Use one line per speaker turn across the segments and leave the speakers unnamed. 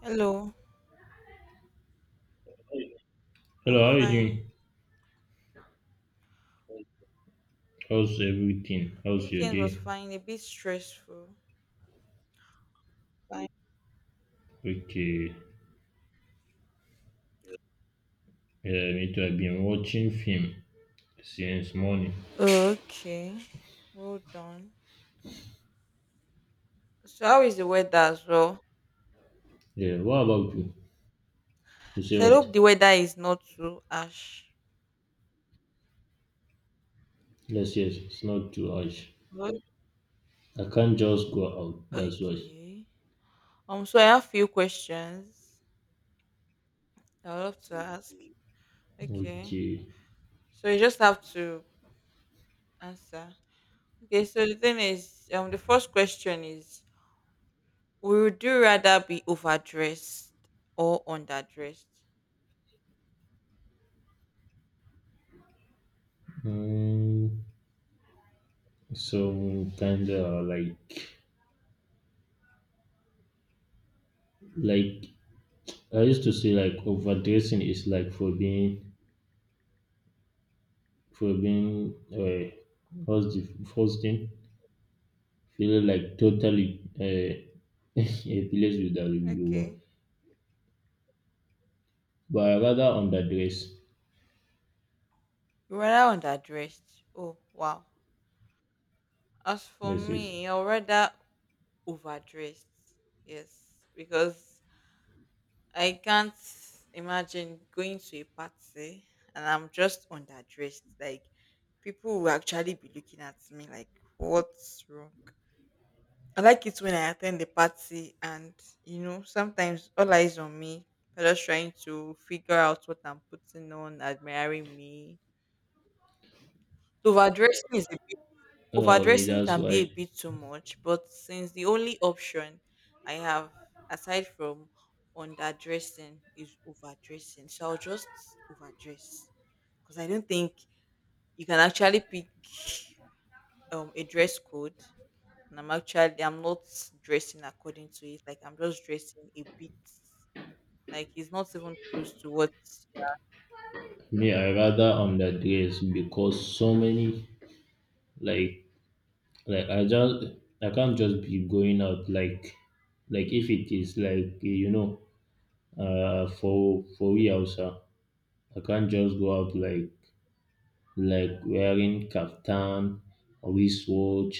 Hello. Hey.
Hello,
I'm
how are you
fine.
doing? How's everything?
The
How's your
weekend was
day?
fine, a bit stressful. Fine.
Okay, yeah, me too. I've been watching film since morning.
Okay, well done. So, how is the weather as well?
Yeah, what about you? You say
So, I
what?
hope the weather is not too harsh.
Yes, yes, it's not too harsh.
Good.
I can't just go out, that's why.
Okay. So I have few questions I would love to ask. Okay.
Okay.
So you just have to answer. Okay, so the thing is, the first question is, would you rather be overdressed or underdressed?
Mm, so kind of like I used to say, like overdressing is like for being, what's the first thing? Feeling like totally a place without humor.
Okay.
But I rather underdress.
You're rather underdressed. Oh, wow. As for
Yes, yes.
me, I are rather overdressed. Yes, because I can't imagine going to a party and I'm just underdressed. Like, people will actually be looking at me like, what's wrong? I like it when I attend the party and sometimes all eyes on me. They're just trying to figure out what I'm putting on, admiring me. Overdressing is a bit.
Oh, me,
Overdressing
that's
can be a
why.
bit too much, but since the only option I have aside from underdressing is overdressing, so I'll just overdress because I don't think you can actually pick a dress code. And I'm actually I'm not dressing according to it. Like I'm just dressing a bit. Like it's not even close to what.
Me, I rather underdress because so many like like I can't just be going out like if it is like you know for we also I can't just go out like wearing kaftan or wristwatch,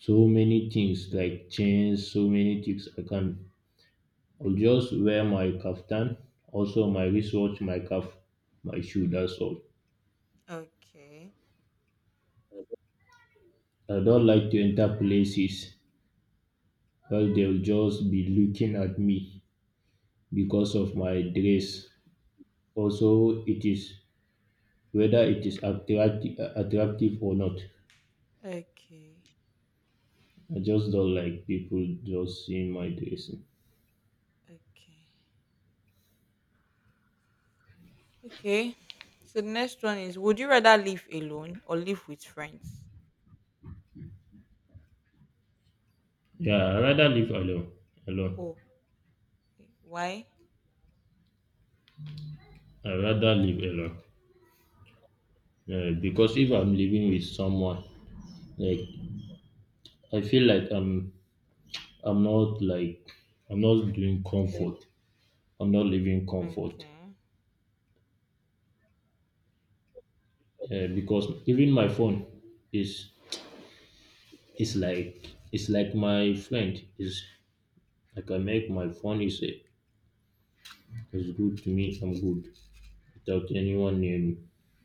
so many things like chains, so many things I can't. I will just wear my kaftan, also my wristwatch, my cap, my shoe, that's all.
Okay.
I don't like to enter places where they'll just be looking at me because of my dress. Also, it is whether it is attractive or not.
Okay.
I just don't like people just seeing my dressing.
Okay. Okay. So the next one is, would you rather live alone or live with friends?
Yeah, I rather live alone. Alone.
Oh, why?
I rather live alone. Yeah, because if I'm living with someone, like I feel like I'm not like I'm not doing
Mm.
comfort. I'm not living comfort,
Okay.
because even my phone is is like it's like my friend is like I make my phone is a is good to me. I'm good without anyone near me.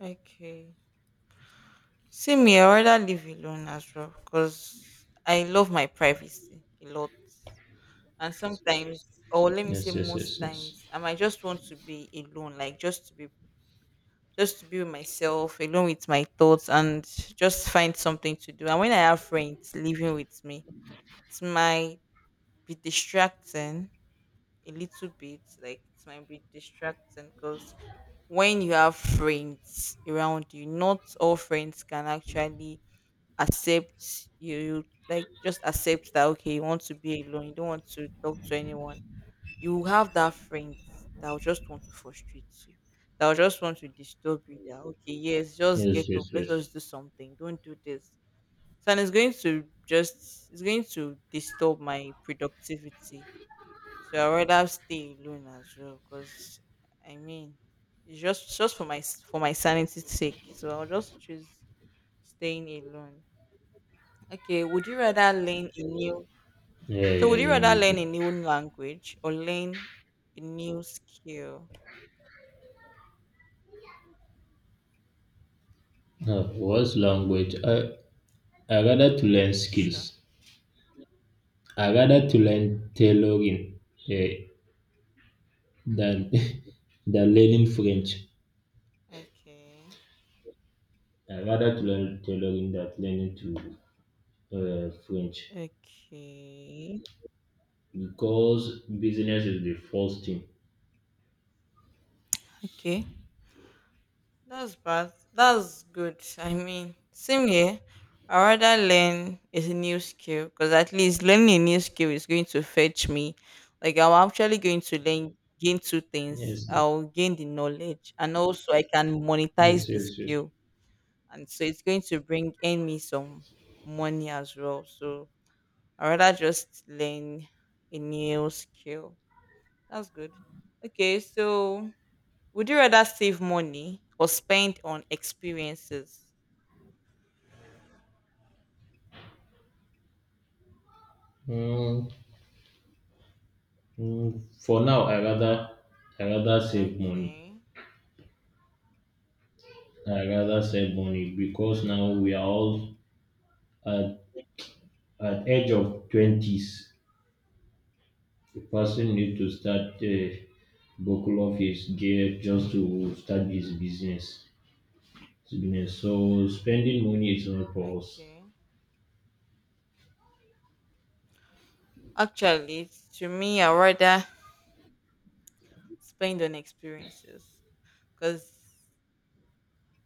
Okay. See me, I rather live alone as well because I love my privacy a lot. And yes, sometimes, or let me say
Yes, yes,
most
yes, yes,
times, I might just want to be alone, like just to be with myself, alone with my thoughts and just find something to do. And when I have friends living with me, it might be distracting a little bit, like it might be distracting because when you have friends around you, not all friends can actually accept you, like just accept that okay, you want to be alone, you don't want to talk to anyone. You will have that friend that will just want to frustrate you, that will just want to disturb you, that okay, yes, just get
yes,
up,
yes,
let
yes.
us just do something, don't do this. So and it's going to just, it's going to disturb my productivity, so I rather stay alone as well, cause I mean, it's just for my s- for my sanity's sake. So I'll just choose staying alone. Okay, would you rather learn a new?
Yeah,
So
yeah,
would you
yeah.
rather
Me
learn a
too.
new language or learn a new skill?
What's language? I rather to learn
Sure.
skills. I rather to learn tailoring uh, than than learning French.
Okay.
I rather to learn tailoring than learning to French,
Okay.
because business is the first thing.
Okay. That's bad. That's good. I mean, same here. I rather learn a new skill because at least learning a new skill is going to fetch me. Like I'm actually going to learn gain two things.
Yes,
I'll gain the knowledge and also I can monetize
yes,
the
yes, yes.
skill. And so it's going to bring in me some money as well. So I rather just learn a new skill. That's good. Okay, so would you rather save money or spend on experiences?
Mm, for now, I rather save money.
Okay,
I rather save money because now we are all at at age of twenties. The person need to start buckle off his gear just to start his business. So spending money is not for us.
okay. Actually, to me, I rather spend on experiences because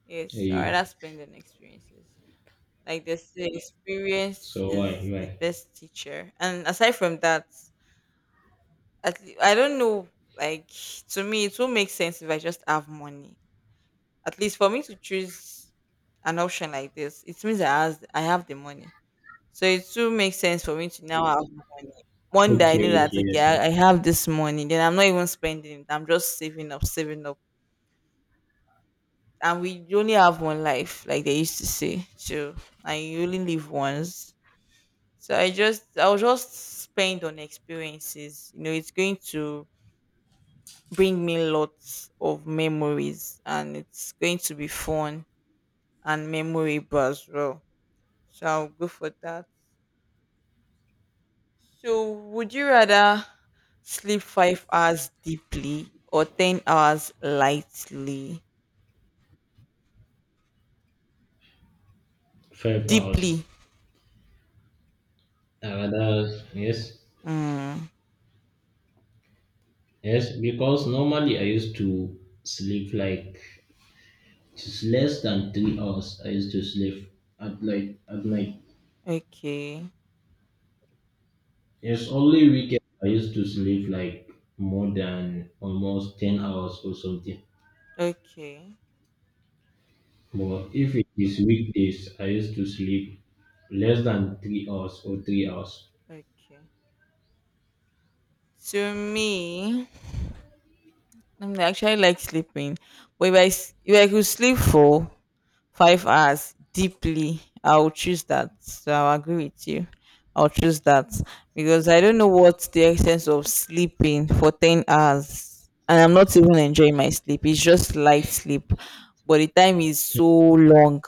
yes, I
Eh,
rather spend on experiences. Like they say, experience
so why
is the
why?
best teacher. And aside from that, at le- I don't know. Like to me, it will make sense if I just have money. At least for me to choose an option like this, it means I have the money. So it too makes sense for me to now have money. One day I
Okay,
know that
okay,
okay,
yes.
I have this money, then I'm not even spending it. I'm just saving up, saving up. And we only have one life, like they used to say. So and you only live once. So I'll just spend on experiences. You know, it's going to bring me lots of memories, and it's going to be fun and memorable as well. So I'll go for that. So, would you rather sleep 5 hours deeply or 10 hours lightly?
Five
Deeply.
hours. That, yes,
Mm,
yes. Because normally I used to sleep like just less than 3 hours. I used to sleep at like at night.
okay.
It's only weekend I used to sleep like more than almost 10 hours or something.
Okay.
But if it is weekdays, I used to sleep less than 3 hours or 3 hours.
Okay. To me, I'm actually like sleeping. But if I, s- if I could sleep for 5 hours deeply, I will choose that, so I'll agree with you, I'll choose that, because I don't know what the essence of sleeping for 10 hours and I'm not even enjoying my sleep, it's just light sleep, but the time is so long.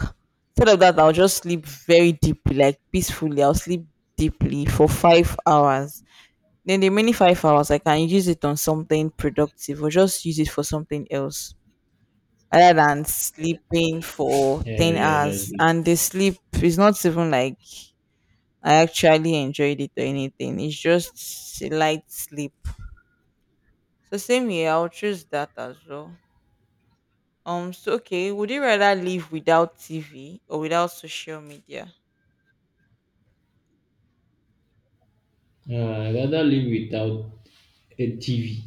Instead of that, I'll just sleep very deeply, like peacefully, I'll sleep deeply for 5 hours, then the many 5 hours I can use it on something productive or just use it for something else, rather than sleeping for
Yeah,
10
yeah, that's
hours
it.
and the sleep is not even like I actually enjoyed it or anything, it's just a light sleep. So same here, I'll choose that as well. So okay, would you rather live without tv or without social media?
I rather live without a TV.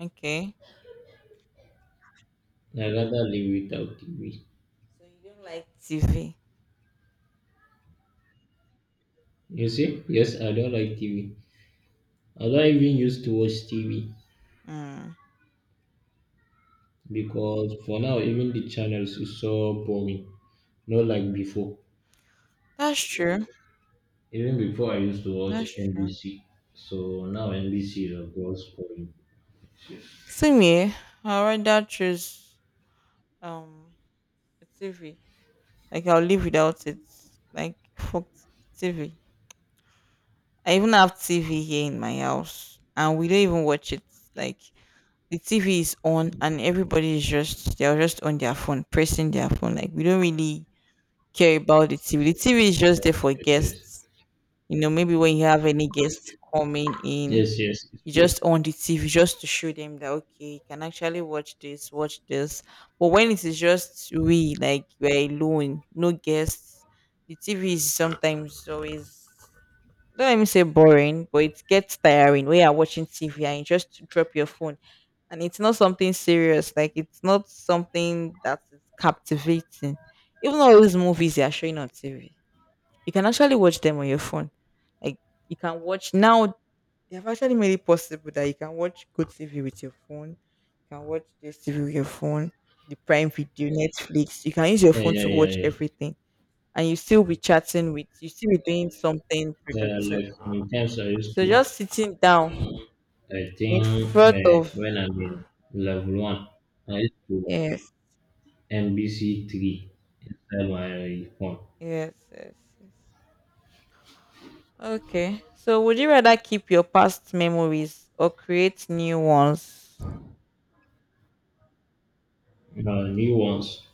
Okay,
I rather live without TV.
so you don't like tv?
You see? Yes, I don't like TV. I don't even used to watch TV
Mm.
because for now even the channels is so boring. Not like before.
That's true.
Even before I used to watch
That's true.
NBC. So now NBC is of course boring.
Same here. I'll rather choose um a tv, like I'll live without it, like fuck tv. I even have TV here in my house, and we don't even watch it. Like the TV is on, and everybody is just, they're just on their phone, pressing their phone. Like we don't really care about the TV. The TV is just there
Yes,
for
yes, yes.
guests. You know, maybe when you have any guests coming in,
Yes, yes, it's
you
good.
just on the TV just to show them that okay, you can actually watch this, watch this. But when it is just we, like we're alone, no guests, the TV is sometimes always, don't let me say boring, but it gets tiring when you're watching TV and you just drop your phone. And it's not something serious, like it's not something that is captivating. Even all those movies they are showing on TV, you can actually watch them on your phone. Like you can watch now, they've actually made it possible that you can watch good TV with your phone, you can watch this TV with your phone, the Prime Video, Netflix. You can use your
Yeah,
phone
yeah,
to
yeah,
watch
yeah.
everything. And you still be chatting with, you still be doing something
Yeah,
productive.
like sometimes
So just sitting down
I think
in front of,
when I'm in level one, I used to
yes,
NBC 3 inside my phone.
yes, yes, yes. Okay. So would you rather keep your past memories or create new ones?
Uh, new ones.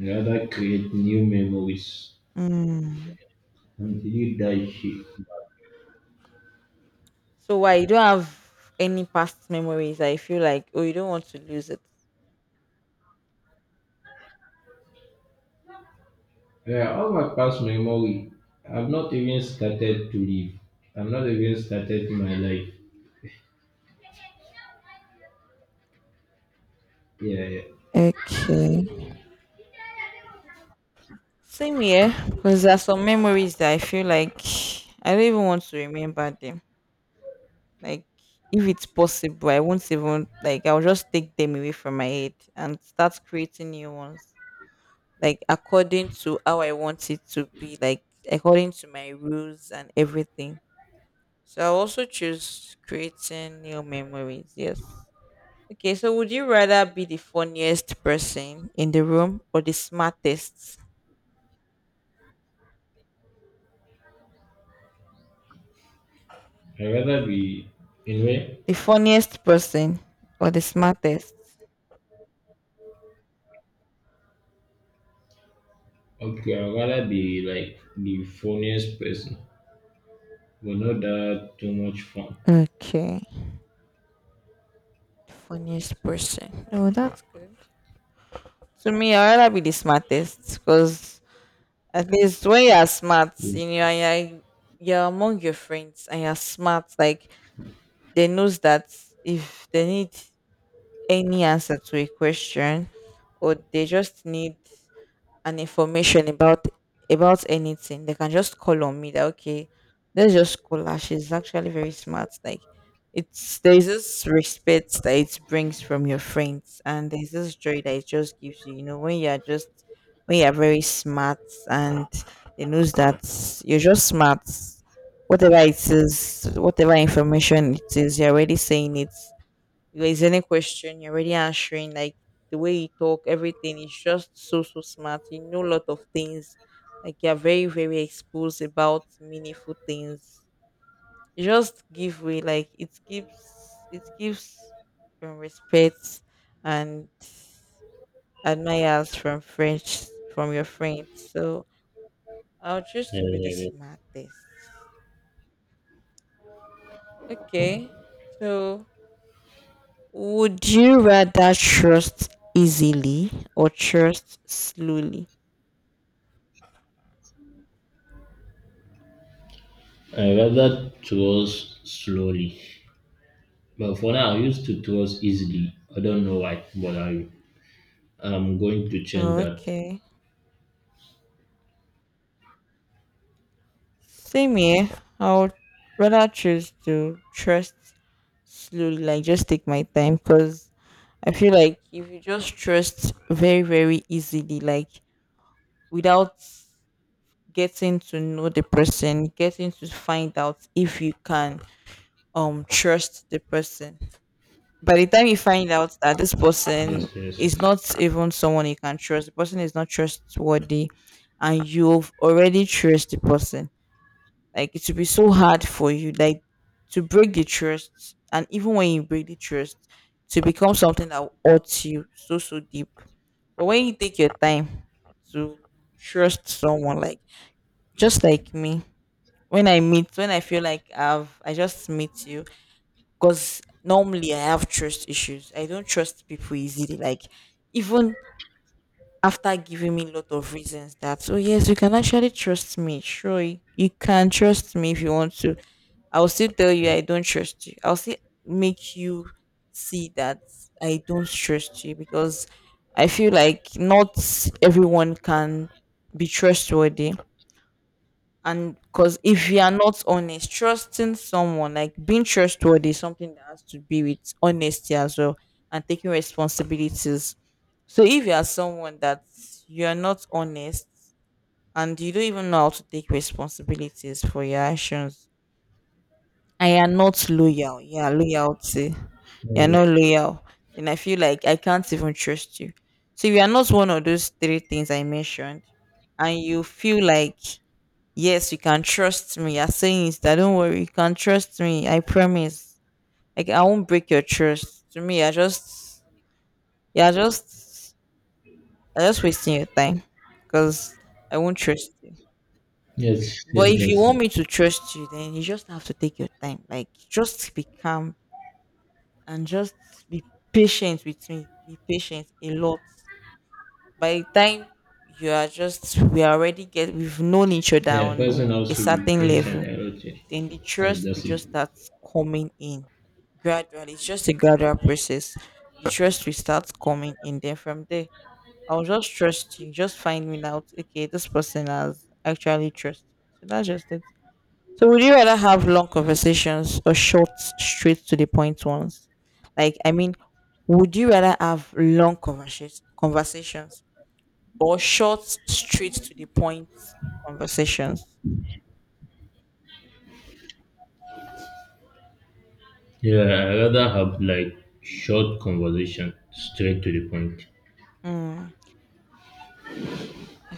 Rather create new memories
Mm.
until you die here.
So why you don't have any past memories? I feel like oh, you don't want to lose it.
Yeah, all my past memory. I've not even started to live. I've not even started my life. Yeah, yeah.
Okay. Same here, because there are some memories that I feel like I don't even want to remember them. Like if it's possible, I won't even, like I'll just take them away from my head and start creating new ones, like according to how I want it to be, like according to my rules and everything. So I'll also choose creating new memories. Yes. Okay, so would you rather be the funniest person in the room or the smartest?
I'd rather be anyway.
The funniest person or the smartest?
Okay, I'd rather be like the funniest person, but not that too much fun.
Okay. The funniest person. Oh, that's good. To me, I'd rather be the smartest because at least when you are smart,
Yeah,
you know, and you're among your friends and you're smart, like they knows that if they need any answer to a question or they just need and information about anything, they can just call on me that okay, let's just call her. She's actually very smart. Like it's, there's this respect that it brings from your friends, and there's this joy that it just gives you, you know, when you're just, when you're very smart, and they knows that you're just smart. Whatever it is, whatever information it is, you're already saying it, because any question you're already answering, like the way you talk, everything is just so so smart. You know a lot of things. Like you're very, very exposed about meaningful things. You just give way, like it gives respect and admirers from French from your friends. So I'll choose
yeah,
to be the
yeah.
smartest. Okay. So would you rather trust easily or trust slowly?
I'd rather trust slowly. But for now, I used to trust easily. I don't know why, but I'm going to change
Oh,
that.
okay. Same here. I would rather choose to trust slowly, like just take my time, because I feel like if you just trust very, very easily, like without getting to know the person, getting to find out if you can trust the person, by the time you find out that this
Yes,
person
yes,
is
yes.
not even someone you can trust, the person is not trustworthy, and you've already trust the person, like it will be so hard for you, like to break the trust, and even when you break the trust, to become something that will hurts you so so deep. But when you take your time to trust someone, like just like me, when I meet, when I feel like I just meet you, because normally I have trust issues. I don't trust people easily. Like even after giving me a lot of reasons that oh yes, you can actually trust me. Sure, you can trust me if you want to. I'll still tell you
Yeah.
I don't trust you. I'll still make you see that I don't trust you because I feel like not everyone can be trustworthy, and because if you are not honest, trusting someone, like being trustworthy is something that has to be with honesty as well and taking responsibilities. So if you are someone that you're not honest and you don't even know how to take responsibilities for your actions and you're not loyal, yeah, loyalty,
Yeah.
you're
Yes,
not
yeah.
loyal, and I feel like I can't even trust you. So if you are not one of those three things I mentioned and you feel like yes, you can trust me, you're saying it, that don't worry, you can trust me, I promise, like I won't break your trust, to me, yeah, I just, I just wasting your time because I won't trust you.
Yes,
But
yes,
if you
that's
want
it.
me to trust you, then you just have to take your time. Like just be calm and just be patient with me. Be patient a lot. By the time you are just, we already get, we've known each other
Yeah,
on
person
a
also be
certain
patient
level,
and okay.
then the
Yes,
trust will
that's it.
just start coming in gradually. It's just a gradual process. The trust will start coming in. Then from there, I'll just trust you, just finding out, okay, this person has actually trust me. So that's just it. So would you rather have long conversations or short, straight to the point ones? Like, I mean, would you rather have long conversations or short, straight to the point conversations?
Yeah, I rather have like short conversation, straight to the point.
Mm,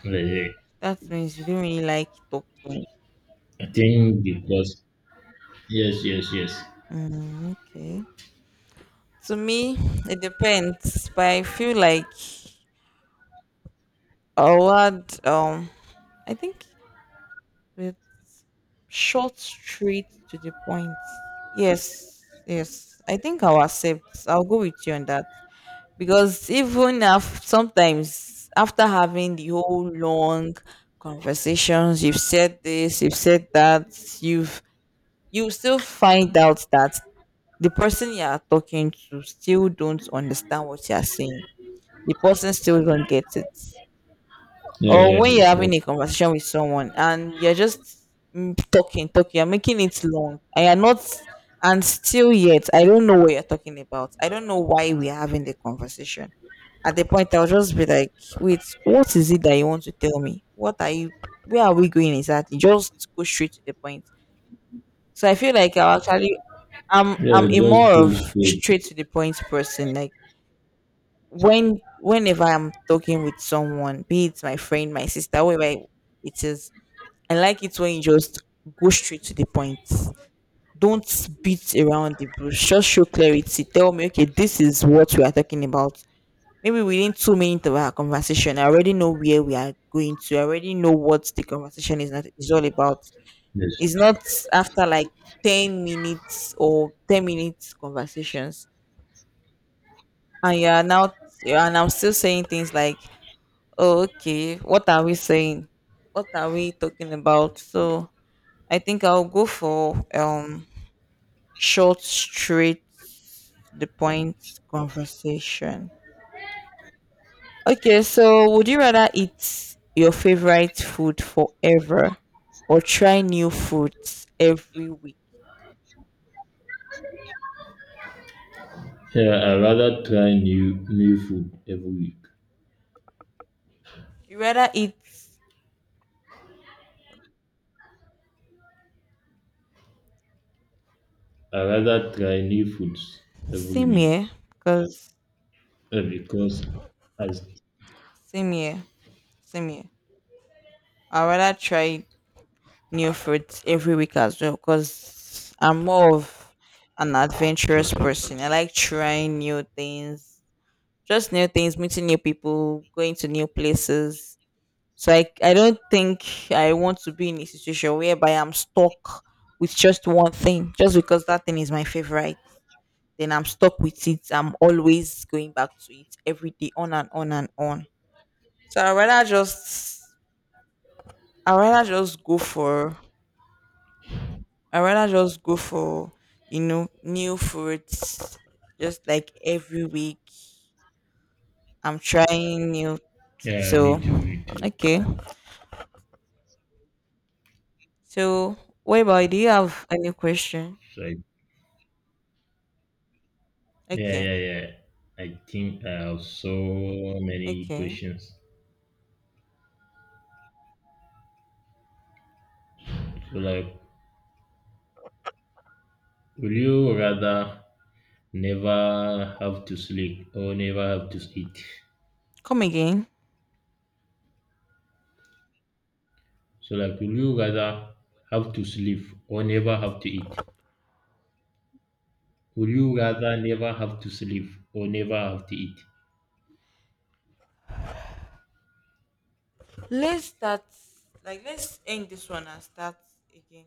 Yeah, yeah.
that means you don't really like talking.
I think because yes, yes, yes.
Mm, okay. To me, it depends, but I feel like a word, I think it's short, straight to the point. Yes, yes. I think I'll accept. I'll go with you on that. Because even sometimes after having the whole long conversations, you've said this, you've said that, you've you still find out that the person you are talking to still don't understand what you're saying, the person still don't get it.
Yeah,
Or
yeah,
when
yeah,
you're having a
yes.
conversation with someone and you're just, mm, talking, talking, you're making it long, and you're not, and still yet, I don't know what you're talking about. I don't know why we're having the conversation. At the point, I'll just be like, wait, what is it that you want to tell me? What are you, where are we going exactly? Just go straight to the point. So I feel like I'll actually, I'm
Yeah,
a more
just pull
of
straight.
straight to the point person. Like, whenever I'm talking with someone, be it my friend, my sister, whoever it is, I like it when you just go straight to the point. Don't beat around the bush. Just show clarity. Tell me, okay, this is what we are talking about. Maybe within 2 minutes of our conversation, I already know where we are going to. I already know what the conversation is all about.
Yes.
It's not after like 10 minutes or 10 minutes conversations, and you are now and I'm still saying things like, okay, what are we saying? What are we talking about? So I think I'll go for short, straight, to the point conversation. Okay, so would you rather eat your favorite food forever or try new foods every week?
Yeah, I rather try new food every week.
You rather eat
I rather try new foods every
same
week.
here, cause
Because as
same here, same here. I rather try new fruits every week as well because I'm more of an adventurous
yes, yes,
person. I
yes.
like trying new things, just new things, meeting new people, going to new places. So I don't think I want to be in a situation whereby I'm stuck with just one thing, just because that thing is my favorite. Then I'm stuck with it. I'm always going back to it every day, on and on and on. So I rather just go for I rather just go for, you know, new fruits just like every week. I'm trying new,
Yeah, me
so
too, me too.
okay. So what about, do you have any question?
So I, yeah,
Okay.
yeah, yeah. I think I have so many
Okay.
questions. So like, would you rather never have to sleep or never have to eat?
Come again.
So like, would you rather have to sleep or never have to eat? Would you rather never have to sleep or never have to eat?
Let's start, like, let's end this one and start again.